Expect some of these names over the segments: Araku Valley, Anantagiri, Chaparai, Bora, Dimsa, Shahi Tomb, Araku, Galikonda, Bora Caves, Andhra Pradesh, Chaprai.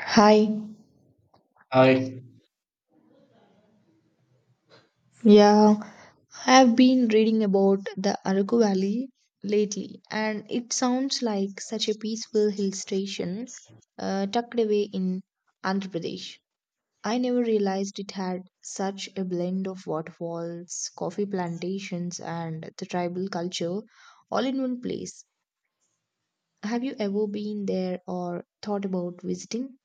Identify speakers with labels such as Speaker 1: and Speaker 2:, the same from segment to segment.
Speaker 1: Hi.
Speaker 2: I
Speaker 1: Yeah, I have been reading about the Araku Valley lately, and it sounds like such a peaceful hill station tucked away in Andhra Pradesh. I never realized it had such a blend of waterfalls, coffee plantations, and the tribal culture all in one place. Have you ever been there or thought about visiting?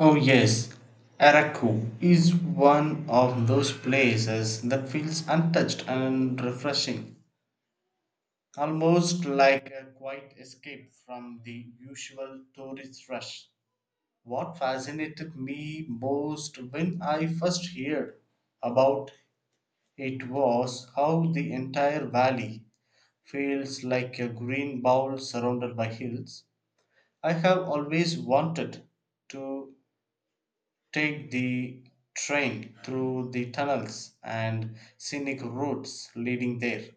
Speaker 2: Oh yes, Araku is one of those places that feels untouched and refreshing, almost like a quiet escape from the usual tourist rush. What fascinated me most when I first heard about it was how the entire valley feels like a green bowl surrounded by hills. I have always wanted to take the train through the tunnels and scenic routes leading there.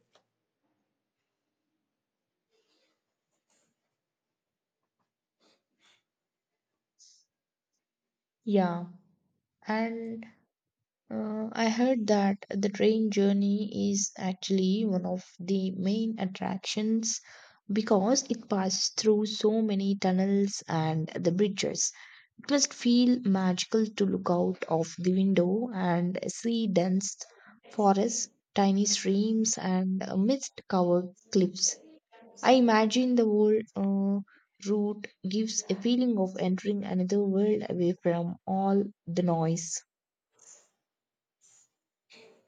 Speaker 1: Yeah, and I heard that the train journey is actually one of the main attractions because it passes through so many tunnels and the bridges. It must feel magical to look out of the window and see dense forests, tiny streams, and mist covered cliffs. I imagine the whole route gives a feeling of entering another world away from all the noise.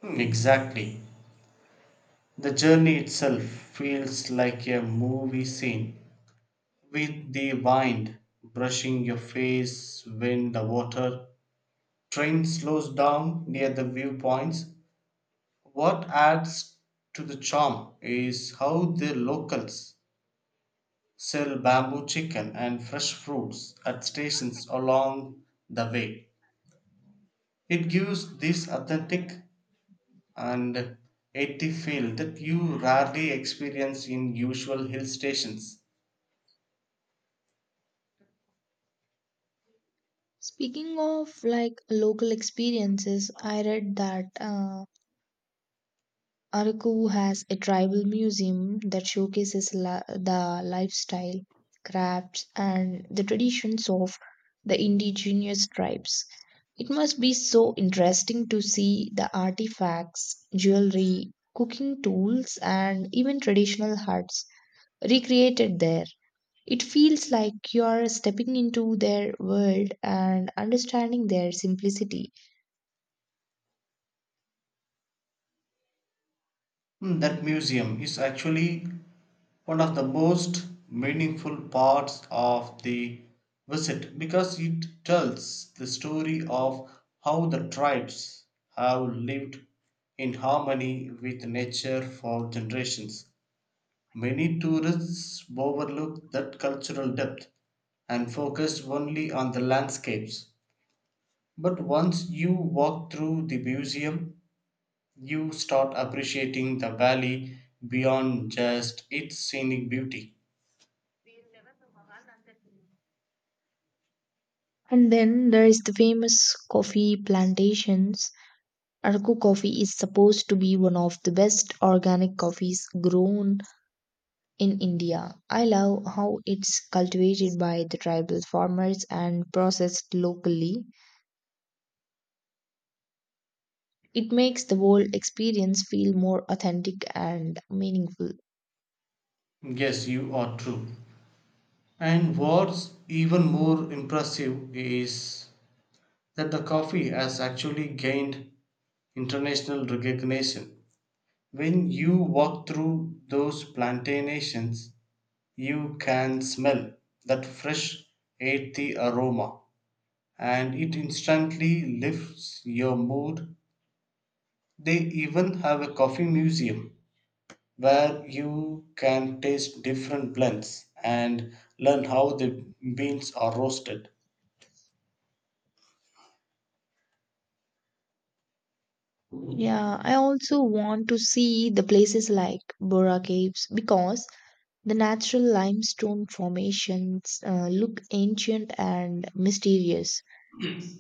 Speaker 2: Hmm, exactly. The journey itself feels like a movie scene with the wind brushing your face when the water train slows down near the viewpoints. What adds to the charm is how the locals sell bamboo chicken and fresh fruits at stations along the way. It gives this authentic and 80 feel that you rarely experience in usual hill stations.
Speaker 1: Speaking of like local experiences, I read that Araku has a tribal museum that showcases the lifestyle, crafts, and the traditions of the indigenous tribes. It must be so interesting to see the artifacts, jewelry, cooking tools, and even traditional huts recreated there. It feels like you are stepping into their world and understanding their simplicity.
Speaker 2: Mm. That museum is actually one of the most meaningful parts of the visit because it tells the story of how the tribes have lived in harmony with nature for generations. Many tourists overlook that cultural depth and focus only on the landscapes. But once you walk through the museum, you start appreciating the valley beyond just its scenic beauty.
Speaker 1: And then there is the famous coffee plantations. Arku coffee is supposed to be one of the best organic coffees grown in India. I love how it's cultivated by the tribal farmers and processed locally. It makes the whole experience feel more authentic and meaningful.
Speaker 2: Yes, you are true. And what's even more impressive is that the coffee has actually gained international recognition. When you walk through those plantations, you can smell that fresh earthy aroma, and it instantly lifts your mood. They even have a coffee museum where you can taste different blends and learn how the beans are roasted.
Speaker 1: Yeah, I also want to see the places like Bora Caves because the natural limestone formations look ancient and mysterious.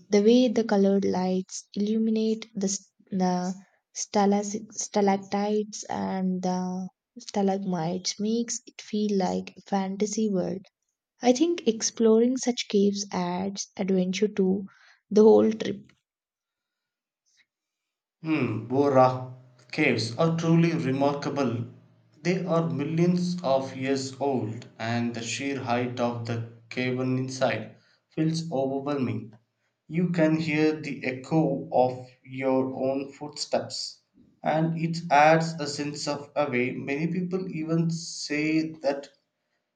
Speaker 1: The way the colored lights illuminate the stalactites and the stalagmites makes it feel like a fantasy world. I think exploring such caves adds adventure to the whole trip.
Speaker 2: Hmm, Bora caves are truly remarkable. They are millions of years old, and the sheer height of the cavern inside feels overwhelming. You can hear the echo of your own footsteps, and it adds a sense of awe. Many people even say that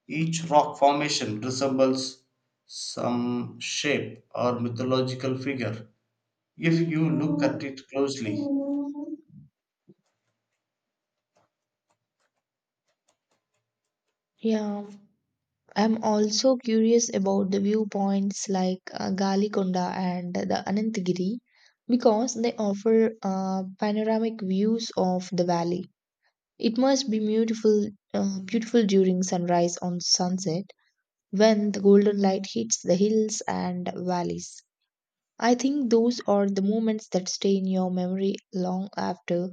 Speaker 2: each rock formation resembles some shape or mythological figure if you look at it closely.
Speaker 1: Yeah. I'm also curious about the viewpoints like Galikonda and the Anantagiri because they offer panoramic views of the valley. It must be beautiful, beautiful during sunrise on sunset when the golden light hits the hills and valleys. I think those are the moments that stay in your memory long after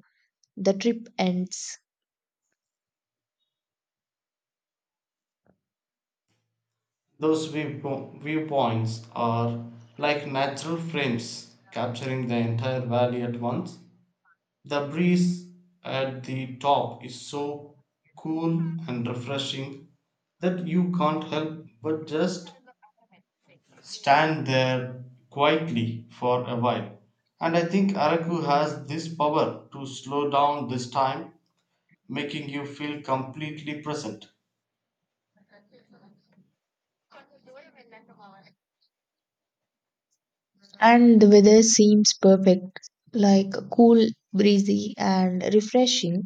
Speaker 1: the trip ends.
Speaker 2: Those viewpoints are like natural frames capturing the entire valley at once. The breeze at the top is so cool and refreshing that you can't help but just stand there quietly for a while. And I think Araku has this power to slow down this time, making you feel completely present.
Speaker 1: And the weather seems perfect, like cool, breezy, and refreshing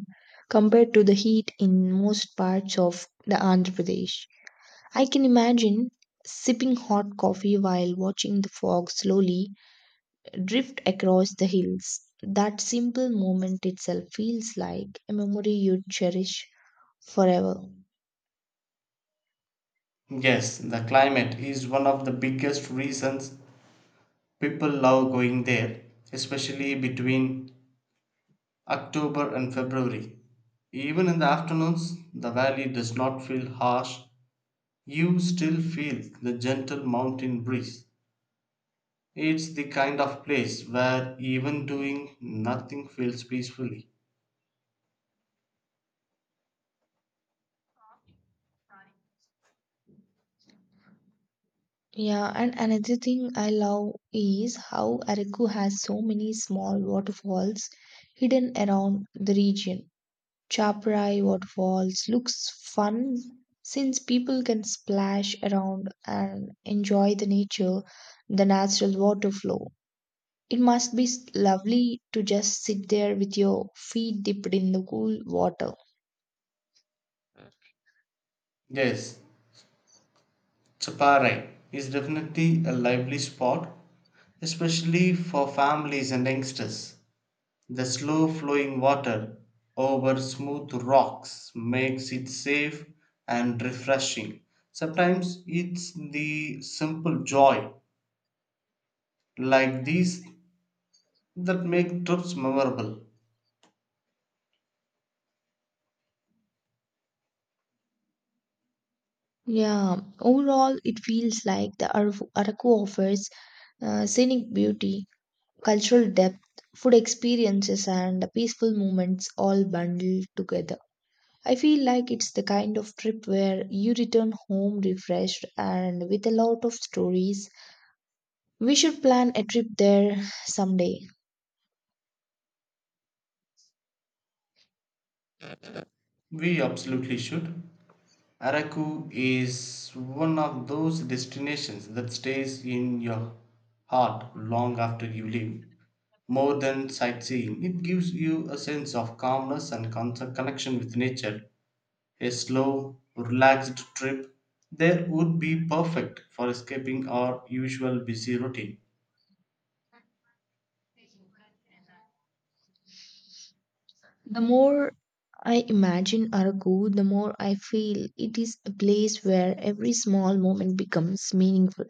Speaker 1: compared to the heat in most parts of the Andhra Pradesh. I can imagine sipping hot coffee while watching the fog slowly drift across the hills. That simple moment itself feels like a memory you'd cherish forever.
Speaker 2: Yes, the climate is one of the biggest reasons people love going there, especially between October and February. Even in the afternoons, the valley does not feel harsh. You still feel the gentle mountain breeze. It's the kind of place where even doing nothing feels peacefully.
Speaker 1: Yeah, and another thing I love is how Araku has so many small waterfalls hidden around the region. Chaprai waterfalls looks fun since people can splash around and enjoy the nature, the natural water flow. It must be lovely to just sit there with your feet dipped in the cool water.
Speaker 2: Yes, Chaparai is definitely a lively spot, especially for families and youngsters. The slow flowing water over smooth rocks makes it safe and refreshing. Sometimes it's the simple joy like these that make trips memorable.
Speaker 1: Yeah, overall, it feels like the Araku offers scenic beauty, cultural depth, food experiences, and peaceful moments all bundled together. I feel like it's the kind of trip where you return home refreshed and with a lot of stories. We should plan a trip there someday.
Speaker 2: We absolutely should. Araku is one of those destinations that stays in your heart long after you leave. More than sightseeing, it gives you a sense of calmness and connection with nature. A slow, relaxed trip there would be perfect for escaping our usual busy routine.
Speaker 1: The more I imagine Aragu, the more I feel it is a place where every small moment becomes meaningful.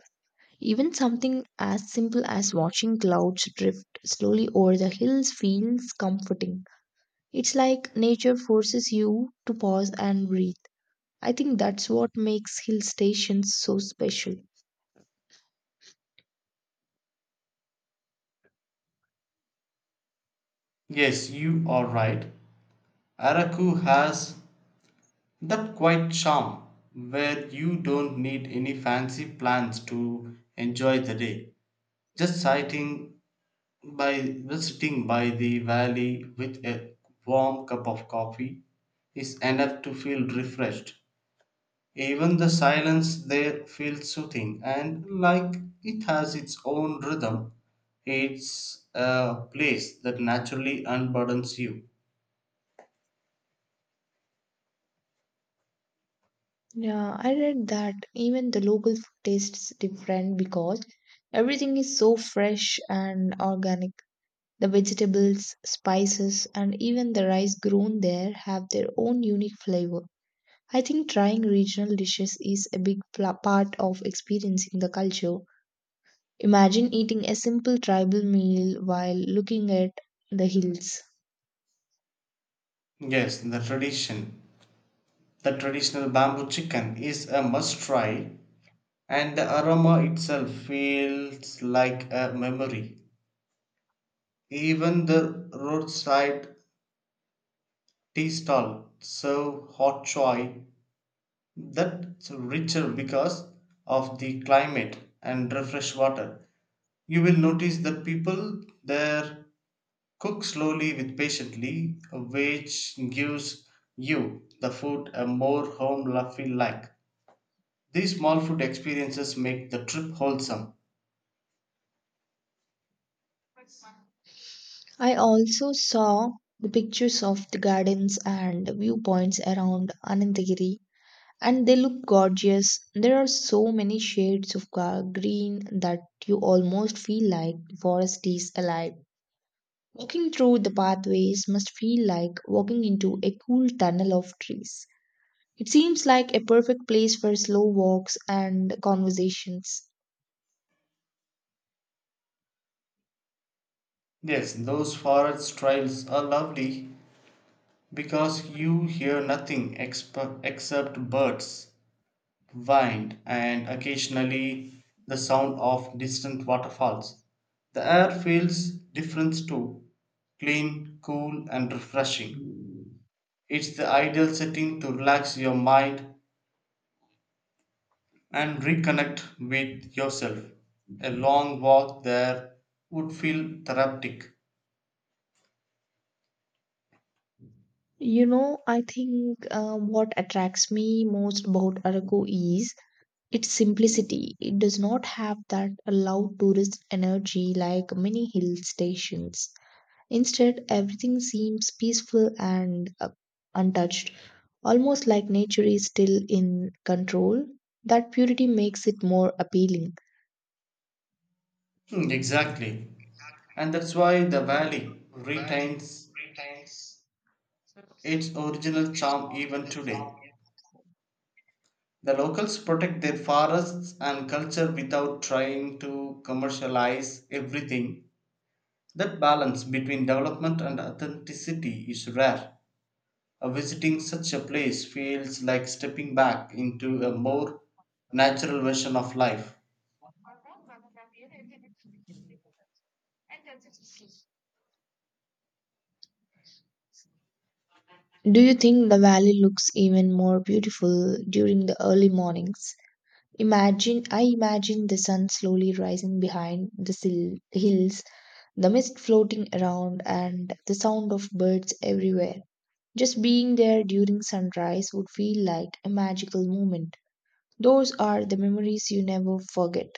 Speaker 1: Even something as simple as watching clouds drift slowly over the hills feels comforting. It's like nature forces you to pause and breathe. I think that's what makes hill stations so special.
Speaker 2: Yes, you are right. Araku has that quiet charm where you don't need any fancy plans to enjoy the day. Just sighting by visiting by the valley with a warm cup of coffee is enough to feel refreshed. Even the silence there feels soothing and like it has its own rhythm. It's a place that naturally unburdens you.
Speaker 1: Yeah, I read that even the local food tastes different because everything is so fresh and organic. The vegetables, spices, and even the rice grown there have their own unique flavor. I think trying regional dishes is a big part of experiencing the culture. Imagine eating a simple tribal meal while looking at the hills.
Speaker 2: Yes, the tradition. The traditional bamboo chicken is a must try, and the aroma itself feels like a memory. Even the roadside tea stall serve hot choy that's richer because of the climate and refresh water. You will notice that people there cook slowly with patiently, which gives you the food a more home feel like. These small food experiences make the trip wholesome.
Speaker 1: I also saw the pictures of the gardens and viewpoints around Anantagiri, and they look gorgeous. There are so many shades of green that you almost feel like the forest is alive. Walking through the pathways must feel like walking into a cool tunnel of trees. It seems like a perfect place for slow walks and conversations.
Speaker 2: Yes, those forest trails are lovely because you hear nothing except birds, wind, and occasionally the sound of distant waterfalls. The air feels different too clean, cool, and refreshing. It's the ideal setting to relax your mind and reconnect with yourself. A long walk there would feel therapeutic.
Speaker 1: You know, I think what attracts me most about Araku is its simplicity. It does not have that loud tourist energy like many hill stations. Instead, everything seems peaceful and untouched, almost like nature is still in control. That purity makes it more appealing.
Speaker 2: Hmm, exactly. And that's why the valley retains its original charm even today. The locals protect their forests and culture without trying to commercialize everything. That balance between development and authenticity is rare. Visiting such a place feels like stepping back into a more natural version of life.
Speaker 1: Do you think the valley looks even more beautiful during the early mornings? I imagine the sun slowly rising behind the hills, the mist floating around and the sound of birds everywhere. Just being there during sunrise would feel like a magical moment. Those are the memories you never forget.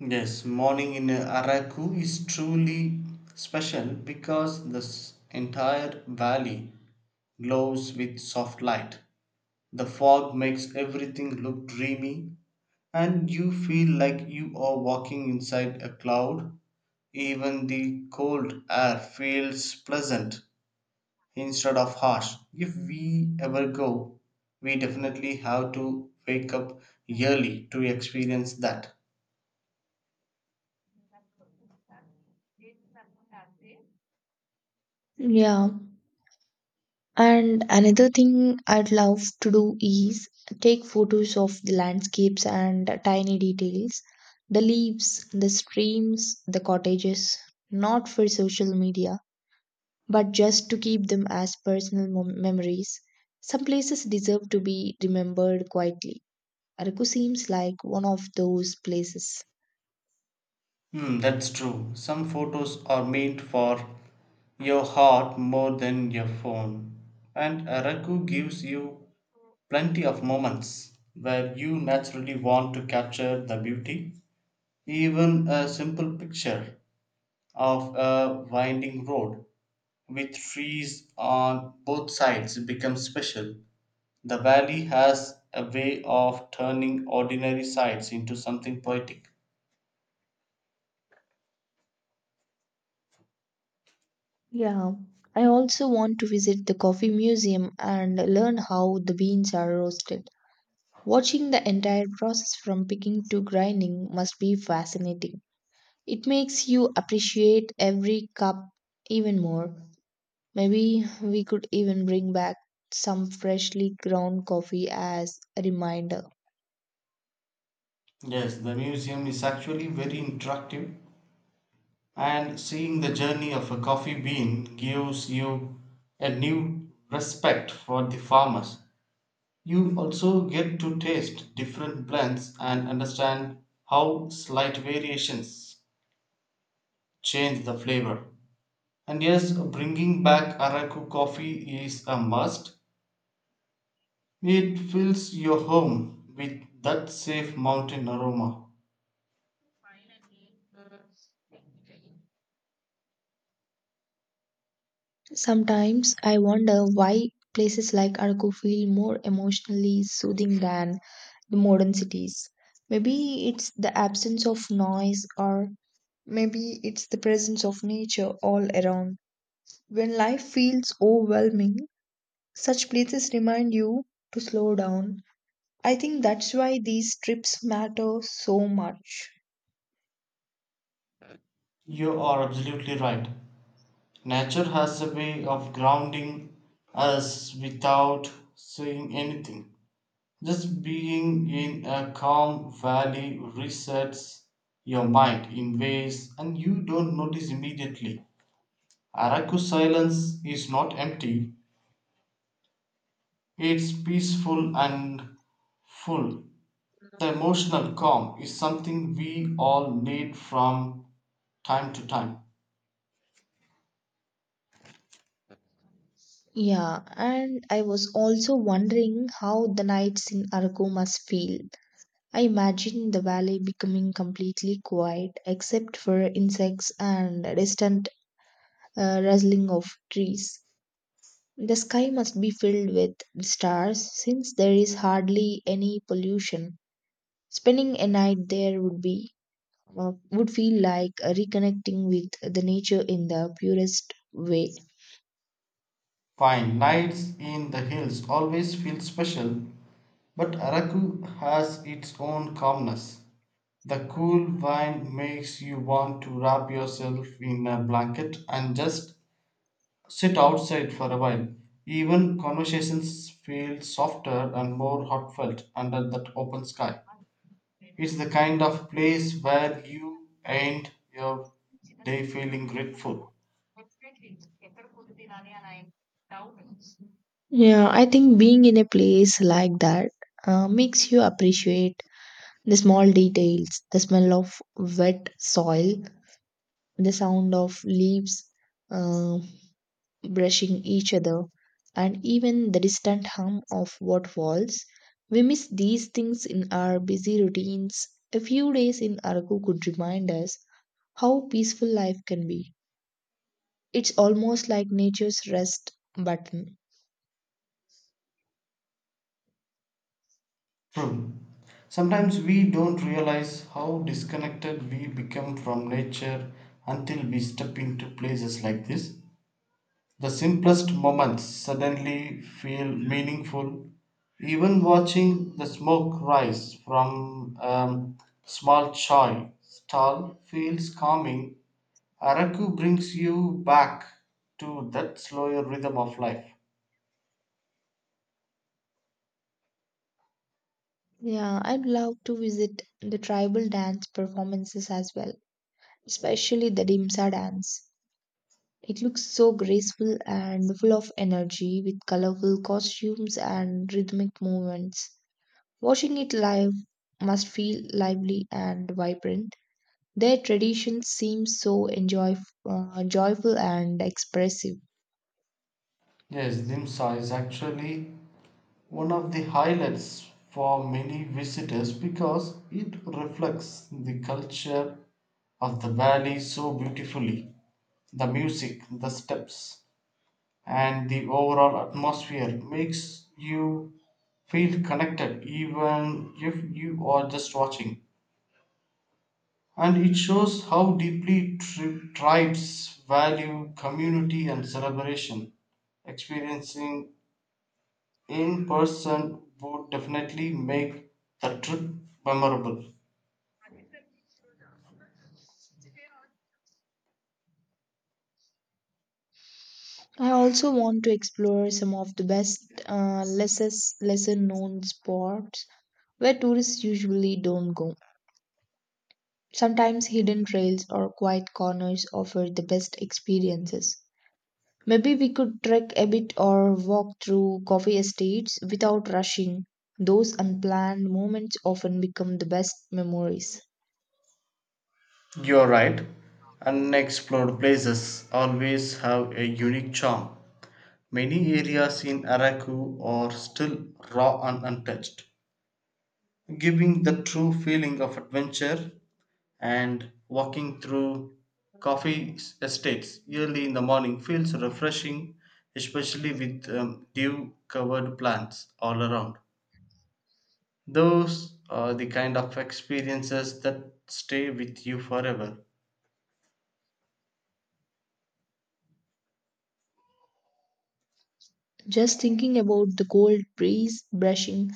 Speaker 2: Yes, morning in Araku is truly special because the entire valley glows with soft light. The fog makes everything look dreamy, and you feel like you are walking inside a cloud. Even the cold air feels pleasant instead of harsh. If we ever go, we definitely have to wake up early to experience that.
Speaker 1: Yeah. And another thing I'd love to do is take photos of the landscapes and tiny details, the leaves, the streams, the cottages, not for social media, but just to keep them as personal memories. Some places deserve to be remembered quietly. Araku seems like one of those places.
Speaker 2: Hmm, that's true. Some photos are meant for your heart more than your phone. And Araku gives you plenty of moments where you naturally want to capture the beauty. Even a simple picture of a winding road with trees on both sides becomes special. The valley has a way of turning ordinary sights into something poetic.
Speaker 1: Yeah, I also want to visit the coffee museum and learn how the beans are roasted. Watching the entire process from picking to grinding must be fascinating. It makes you appreciate every cup even more. Maybe we could even bring back some freshly ground coffee as a reminder.
Speaker 2: Yes, the museum is actually very interactive, and seeing the journey of a coffee bean gives you a new respect for the farmers. You also get to taste different blends and understand how slight variations change the flavor. And yes, bringing back Araku coffee is a must. It fills your home with that safe mountain aroma.
Speaker 1: Sometimes I wonder why places like Arco feel more emotionally soothing than the modern cities. Maybe it's the absence of noise, or maybe it's the presence of nature all around. When life feels overwhelming, such places remind you to slow down. I think that's why these trips matter so much.
Speaker 2: You are absolutely right. Nature has a way of grounding us without saying anything. Just being in a calm valley resets your mind in ways and you don't notice immediately. Araku silence is not empty, it's peaceful and full. The emotional calm is something we all need from time to time.
Speaker 1: Yeah, and I was also wondering how the nights in Arco must feel. I imagine the valley becoming completely quiet except for insects and distant rustling of trees. The sky must be filled with stars since there is hardly any pollution. Spending a night there would feel like reconnecting with the nature in the purest way.
Speaker 2: Fine, nights in the hills always feel special, but Araku has its own calmness. The cool wind makes you want to wrap yourself in a blanket and just sit outside for a while. Even conversations feel softer and more heartfelt under that open sky. It's the kind of place where you end your day feeling grateful.
Speaker 1: Yeah, I think being in a place like that makes you appreciate the small details, the smell of wet soil, the sound of leaves uh, brushing each other, and even the distant hum of waterfalls. We miss these things in our busy routines. A few days in Araku could remind us how peaceful life can be. It's almost like nature's rest button.
Speaker 2: True. Sometimes we don't realize how disconnected we become from nature until we step into places like this. The simplest moments suddenly feel meaningful. Even watching the smoke rise from a small chai stall feels calming. Araku brings you back to that slower rhythm of life.
Speaker 1: Yeah, I'd love to visit the tribal dance performances as well, especially the Dimsa dance. It looks so graceful and full of energy with colorful costumes and rhythmic movements. Watching it live must feel lively and vibrant. Their traditions seem so joyful and expressive.
Speaker 2: Yes, Dimsa is actually one of the highlights for many visitors because it reflects the culture of the valley so beautifully. The music, the steps, and the overall atmosphere makes you feel connected even if you are just watching. And it shows how deeply tribes value community and celebration. Experiencing in person would definitely make the trip memorable.
Speaker 1: I also want to explore some of the best, lesser known spots where tourists usually don't go. Sometimes hidden trails or quiet corners offer the best experiences. Maybe we could trek a bit or walk through coffee estates without rushing. Those unplanned moments often become the best memories.
Speaker 2: You're right. Unexplored places always have a unique charm. Many areas in Araku are still raw and untouched, giving the true feeling of adventure. And walking through coffee estates early in the morning feels refreshing, especially with dew covered plants all around. Those are the kind of experiences that stay with you forever.
Speaker 1: Just thinking about the cold breeze brushing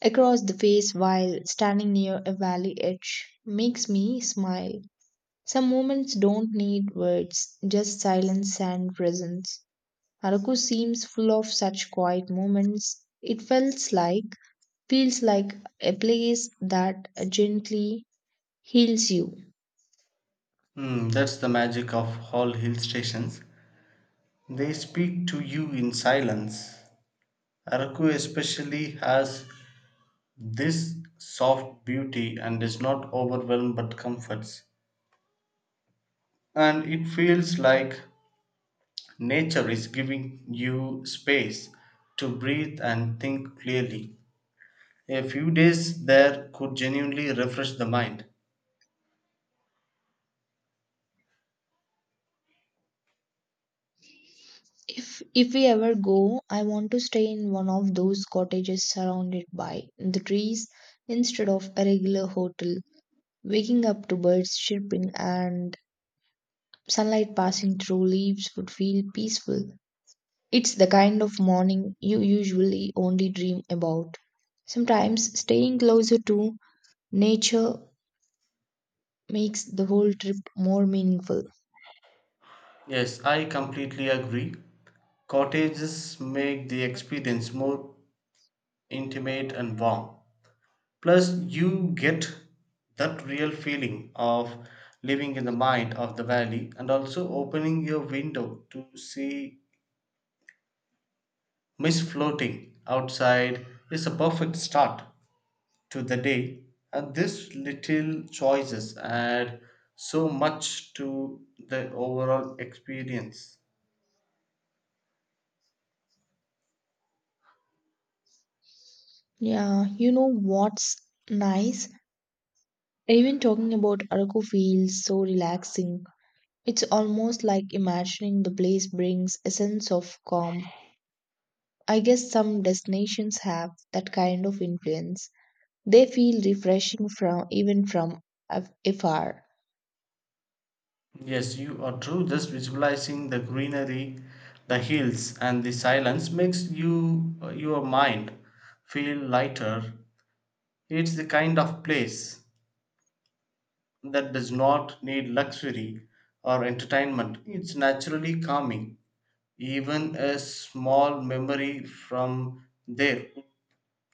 Speaker 1: across the face while standing near a valley edge makes me smile. Some moments don't need words, just silence and presence. Araku seems full of such quiet moments. It feels like a place that gently heals you.
Speaker 2: Hmm, that's the magic of all hill stations. They speak to you in silence. Araku especially has this soft beauty and is not overwhelmed but comforts. And it feels like nature is giving you space to breathe and think clearly. A few days there could genuinely refresh the mind.
Speaker 1: If we ever go, I want to stay in one of those cottages surrounded by the trees instead of a regular hotel. Waking up to birds chirping and sunlight passing through leaves would feel peaceful. It's the kind of morning you usually only dream about. Sometimes staying closer to nature makes the whole trip more meaningful.
Speaker 2: Yes, I completely agree. Cottages make the experience more intimate and warm. Plus, you get that real feeling of living in the mind of the valley, and also opening your window to see mist floating outside is a perfect start to the day. And these little choices add so much to the overall experience.
Speaker 1: Yeah, you know what's nice? Even talking about Araku feels so relaxing. It's almost like imagining the place brings a sense of calm. I guess some destinations have that kind of influence. They feel refreshing from even from af- afar.
Speaker 2: Yes, you are true. Just visualizing the greenery, the hills, and the silence makes you your mind feel lighter. It's the kind of place that does not need luxury or entertainment. It's naturally calming. Even a small memory from there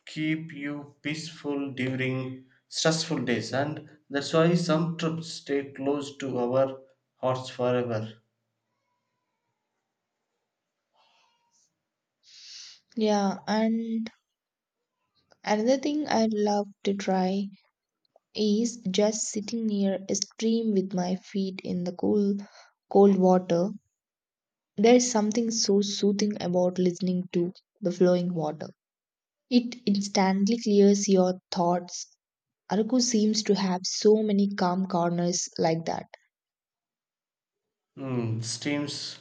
Speaker 2: keep you peaceful during stressful days, and that's why some trips stay close to our hearts forever.
Speaker 1: Yeah, and another thing I love to try is just sitting near a stream with my feet in the cool, cold water. There is something so soothing about listening to the flowing water. It instantly clears your thoughts. Araku seems to have so many calm corners like that.
Speaker 2: Steams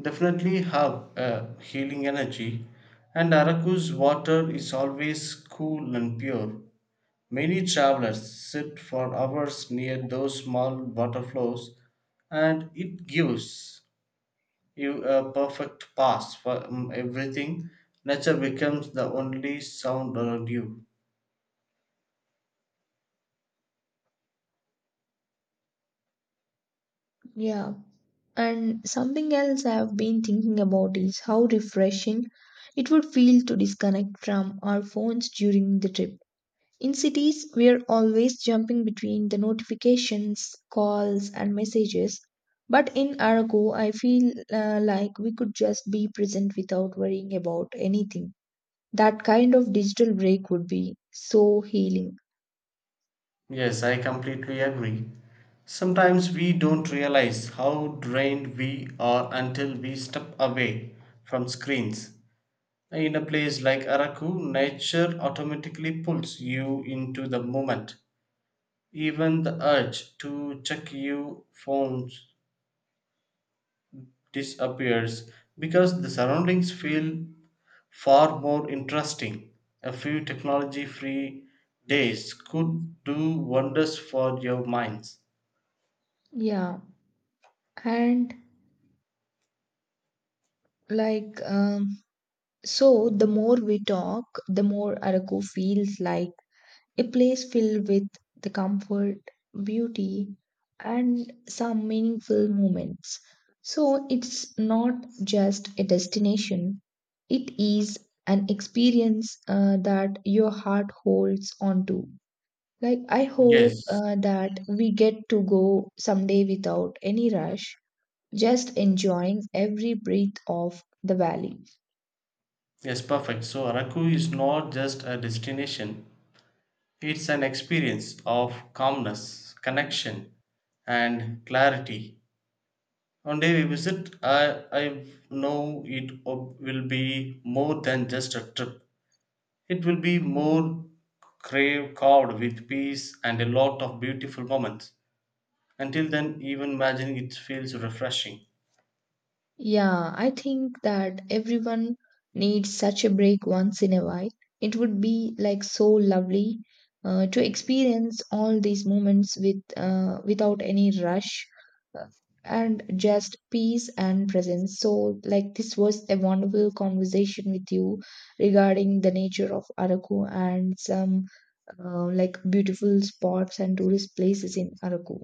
Speaker 2: definitely have a healing energy, and araku's water is always cool and pure. Many travelers sit for hours near those small water flows, and it gives you a perfect pass for everything. Nature becomes the only sound around you.
Speaker 1: Yeah. And something else I have been thinking about is how refreshing it would feel to disconnect from our phones during the trip. In cities, we're always jumping between the notifications, calls, and messages. But in Arago, I feel like we could just be present without worrying about anything. That kind of digital break would be so healing.
Speaker 2: Yes, I completely agree. Sometimes we don't realize how drained we are until we step away from screens. In a place like Araku, nature automatically pulls you into the moment. Even the urge to check your phones disappears because the surroundings feel far more interesting. A few technology free days could do wonders for your minds.
Speaker 1: Yeah. And like, um, so the more we talk, the more Arago feels like a place filled with the comfort, beauty, and some meaningful moments. So it's not just a destination, it is an experience that your heart holds on to. Like, I hope
Speaker 2: Yes,
Speaker 1: that we get to go someday without any rush, just enjoying every breath of the valley.
Speaker 2: yes, perfect. So Araku is not just a destination, it's an experience of calmness, connection, and clarity. One day we visit, I know it will be more than just a trip. It will be more crave carved with peace and a lot of beautiful moments. Until then, even imagining it feels refreshing.
Speaker 1: Yeah, I think that everyone needs such a break once in a while. It would be like so lovely to experience all these moments with without any rush uh, and just peace and presence. So, like this was a wonderful conversation with you regarding the nature of Araku and some like beautiful spots and tourist places in Araku.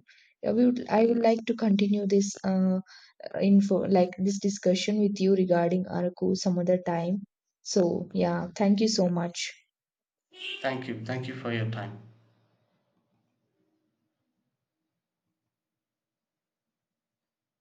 Speaker 1: I would like to continue this info like this discussion with you regarding Araku some other time. So yeah, thank you so much.
Speaker 2: Thank you. Thank you for your time.